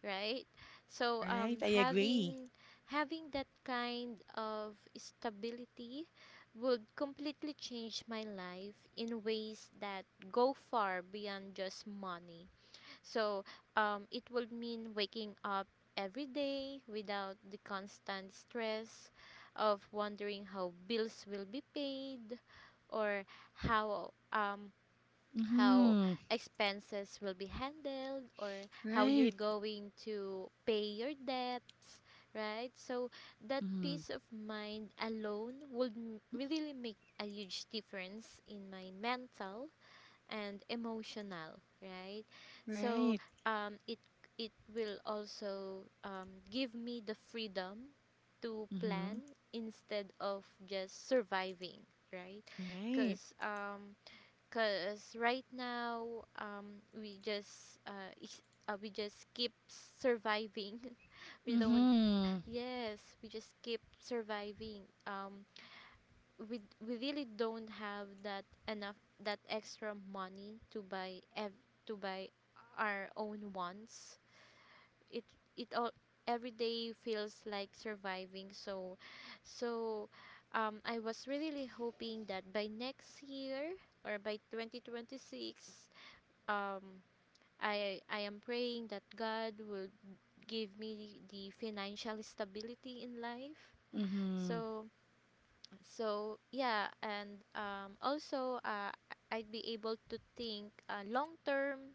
B: right. So
A: Right, I agree.
B: having, having that kind of stability would completely change my life in ways that go far beyond just money. So it would mean waking up every day without the constant stress of wondering how bills will be paid, or how um how
A: Mm-hmm.
B: expenses will be handled, or how you're
A: Right.
B: going to pay your debts, right? So that
A: Mm-hmm.
B: peace of mind alone would really make a huge difference in my mental and emotional, right. So
A: Right.
B: it, it will also give me the freedom to
A: Mm-hmm.
B: plan instead of just surviving, right,
A: Right.
B: because. Cause right now, we just we just keep surviving. We don't.
A: Mm-hmm.
B: Yes, we just keep surviving. We really don't have that enough, that extra money to buy to buy our own wants. It it all, every day feels like surviving. So, so, I was really hoping that by next year or by 2026, um I am praying that God will give me the financial stability in life.
A: Mm-hmm.
B: So, so yeah, and also I'd be able to think, long term,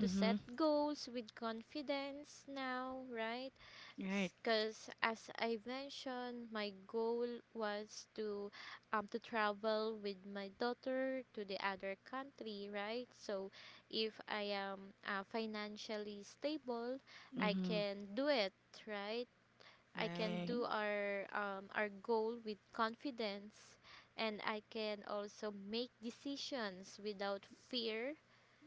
B: to set goals with confidence now, right?
A: Right.
B: Because, as I mentioned, my goal was to travel with my daughter to the other country, right? So if I am, financially stable, I
A: Mm-hmm.
B: can do it, right? I can
A: Right.
B: do our goal with confidence, and I can also make decisions without fear,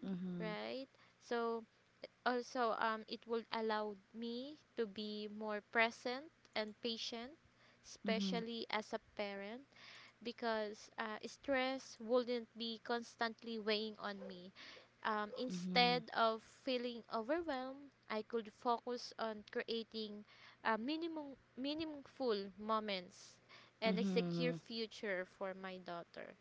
A: Mm-hmm.
B: right? So also, it would allow me to be more present and patient,
A: Mm-hmm.
B: especially as a parent, because, stress wouldn't be constantly weighing on me.
A: Mm-hmm.
B: Instead of feeling overwhelmed, I could focus on creating minimum, meaningful moments and a secure
A: Mm-hmm.
B: future for my daughter.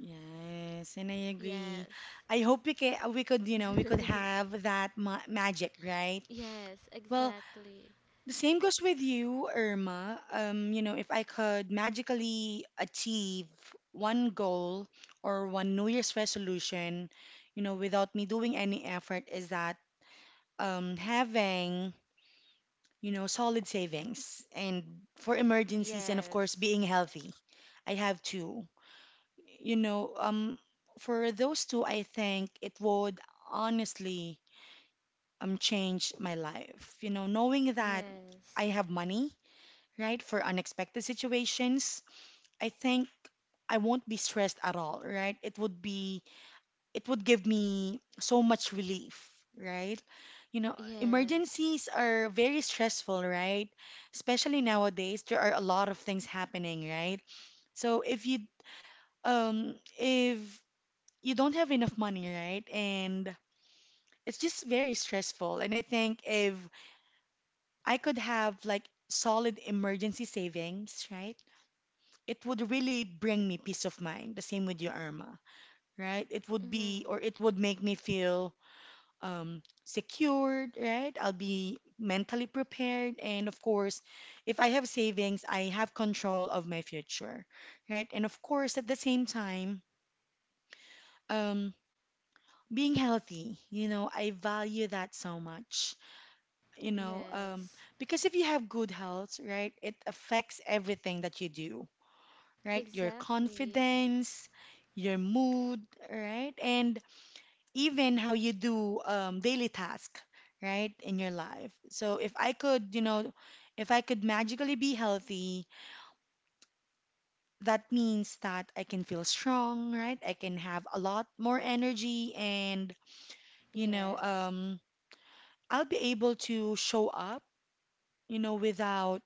A: Yes, and I agree.
B: Yes.
A: I hope we could, you know, we could have that ma magic, right?
B: Yes,
A: Well,
B: exactly.
A: the same goes with you, Irma. You know, if I could magically achieve one goal or one New Year's resolution, you know, without me doing any effort, is that having, you know, solid savings and for emergencies and of course
B: Yes.
A: being healthy. I have two. You know, for those two, I think it would honestly change my life. You know, knowing that I
B: Yes.
A: have money, right, for unexpected situations, I think I won't be stressed at all, right? It would give me so much relief, right? You know,
B: Yes.
A: emergencies are very stressful, right? Especially nowadays, there are a lot of things happening, right? So if you don't have enough money, right? And it's just very stressful. And I think if I could have like solid emergency savings, right? It would really bring me peace of mind. The same with your Irma, right? It would be,
B: Mm-hmm.
A: or it would make me feel secured, right? I'll be mentally prepared. And of course, if I have savings, I have control of my future, right? And of course, at the same time, um, being healthy, you know, I value that so much. You know,
B: Yes.
A: because if you have good health, right, it affects everything that you do, right? Your
B: Exactly.
A: confidence, your mood, right? And even how you do daily task, right, in your life. So if I could, you know, if I could magically be healthy, that means that I can feel strong, right? I can have a lot more energy and, you know,
B: Yes.
A: I'll be able to show up, you know, without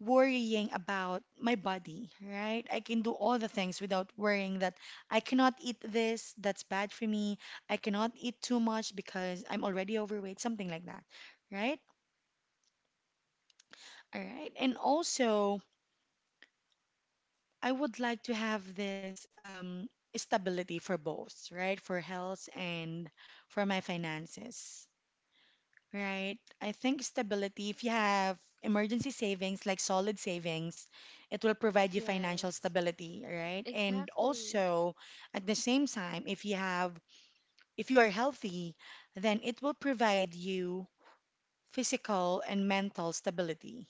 A: worrying about my body, right? I can do all the things without worrying that I cannot eat this, that's bad for me. I cannot eat too much because I'm already overweight, something like that, right? All right. And also, I would like to have this stability for both, right? For health and for my finances. Right. I think stability, if you have emergency savings, like solid savings, it will provide you financial
B: Yes.
A: stability, right? And
B: Exactly.
A: also, at the same time, if you are healthy, then it will provide you physical and mental stability,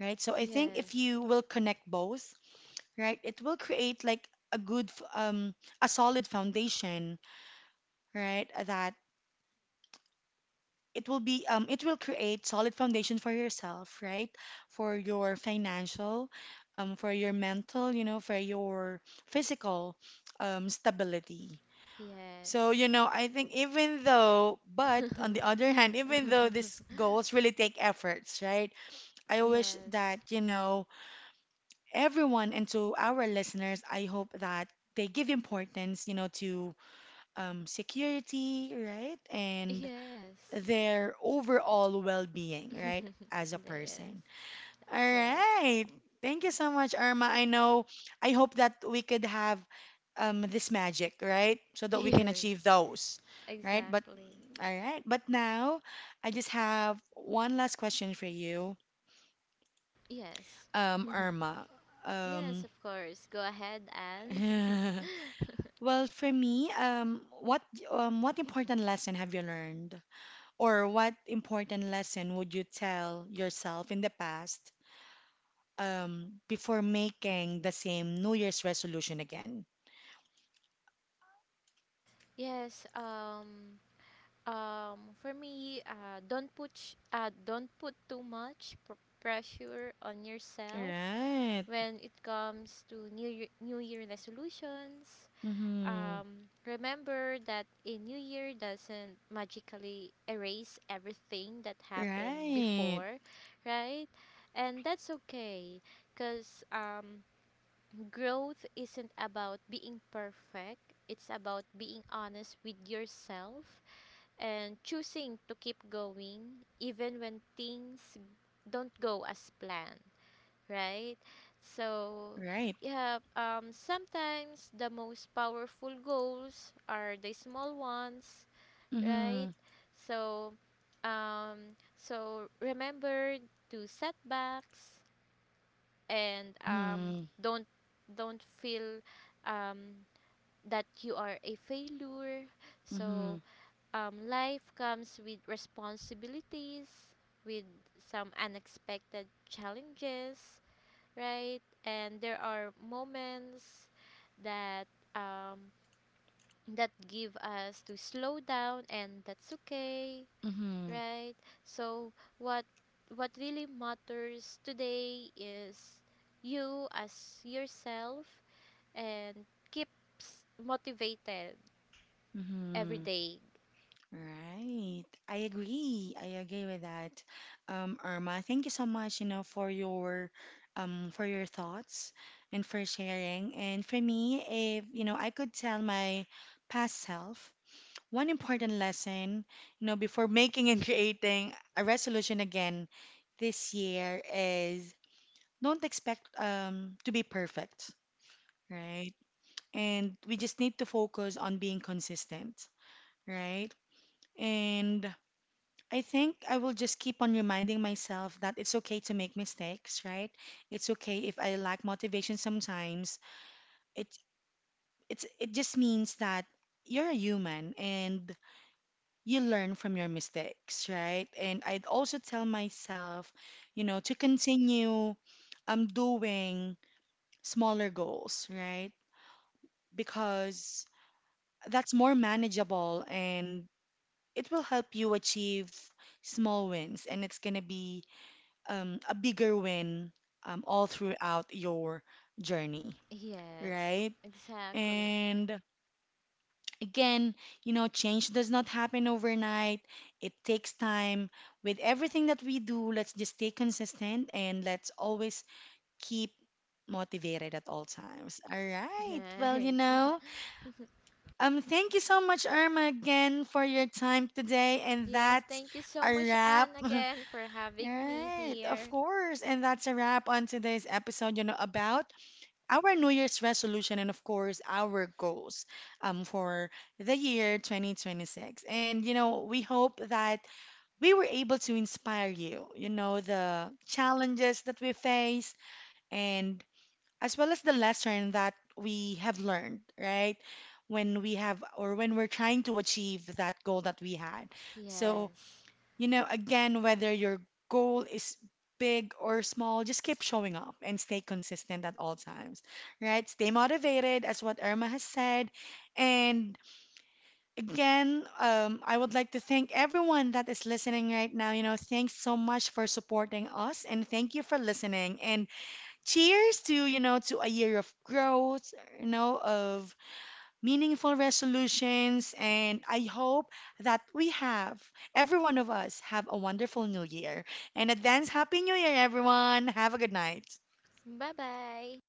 A: right? So I think if
B: Yes.
A: you will connect both, right, it will create like a good, a solid foundation, right, that it will be it will create solid foundation for yourself, right? For your financial, for your mental, you know, for your physical, stability. So,
B: Yes.
A: you know, I think even though but on the other hand, even though these goals really take efforts, right, I wish that,
B: Yes.
A: you know, everyone and to our listeners, I hope that they give importance, you know, to security, right, and
B: Yes.
A: their overall well being, right, as a
B: Yes.
A: person. All
B: That's right.
A: right. Thank you so much, Irma. I know, I hope that we could have this magic, right, so that we can achieve
B: Yes.
A: those, right? But,
B: Exactly.
A: all right. But now, I just have one last question for you,
B: Yes.
A: Irma.
B: Yes,
A: Um,
B: of course. Go ahead and
A: well, for me, what important lesson have you learned, or what important lesson would you tell yourself in the past before making the same New Year's resolution again.
B: yes, um. For me, don't put don't put too much pressure on yourself
A: Right.
B: when it comes to new year resolutions.
A: Mm-hmm.
B: Remember that a new year doesn't magically erase everything that happened
A: Right.
B: before, right? And that's okay, cause growth isn't about being perfect. It's about being honest with yourself and choosing to keep going even when things don't go as planned, right? So,
A: Right.
B: yeah, sometimes the most powerful goals are the small ones, right?
A: Mm-hmm.
B: So, so remember to setbacks and
A: Mm-hmm.
B: don't don't feel um, that you are a failure. So
A: Mm-hmm.
B: life comes with responsibilities, with some unexpected challenges, right? And there are moments that um, that give us to slow down, and that's okay,
A: Mm-hmm.
B: right? So what what really matters today is you as yourself and keeps motivated every
A: Mm-hmm.
B: day.
A: Right. I agree. I agree with that. Irma, thank you so much, you know, for your thoughts and for sharing. And for me, if you know, I could tell my past self one important lesson, you know, before making and creating a resolution again this year is don't expect to be perfect, right? And we just need to focus on being consistent, right? And I think I will just keep on reminding myself that it's okay to make mistakes, right? It's okay if I lack motivation sometimes. It it just means that you're a human and you learn from your mistakes, right? And I'd also tell myself, you know, to continue doing smaller goals, right? Because that's more manageable and it will help you achieve small wins, and it's going to be a bigger win all throughout your journey,
B: Yes,
A: right?
B: exactly.
A: And again, you know, change does not happen overnight. It takes time. With everything that we do, let's just stay consistent and let's always keep motivated at all times. All right. Well, you
B: Right.
A: know, thank you so much, Irma, again for your time today. And
B: Yes,
A: that's
B: thank you so
A: a
B: much,
A: wrap.
B: Anne, again for having me
A: Right, of
B: here.
A: course. And that's a wrap on today's episode, you know, about our New Year's resolution and, of course, our goals for the year 2026. And, you know, we hope that we were able to inspire you, you know, the challenges that we face and as well as the lesson that we have learned, right? When we have or when we're trying to achieve that goal that we had. So,
B: Yes.
A: you know, again, whether your goal is big or small, just keep showing up and stay consistent at all times, right? Stay motivated, as what Irma has said. And again, I would like to thank everyone that is listening right now. You know, thanks so much for supporting us and thank you for listening. And cheers to, you know, to a year of growth, you know, of meaningful resolutions, and I hope that we have, every one of us, have a wonderful new year. And advance Happy New Year, everyone! Have a good night.
B: Bye bye.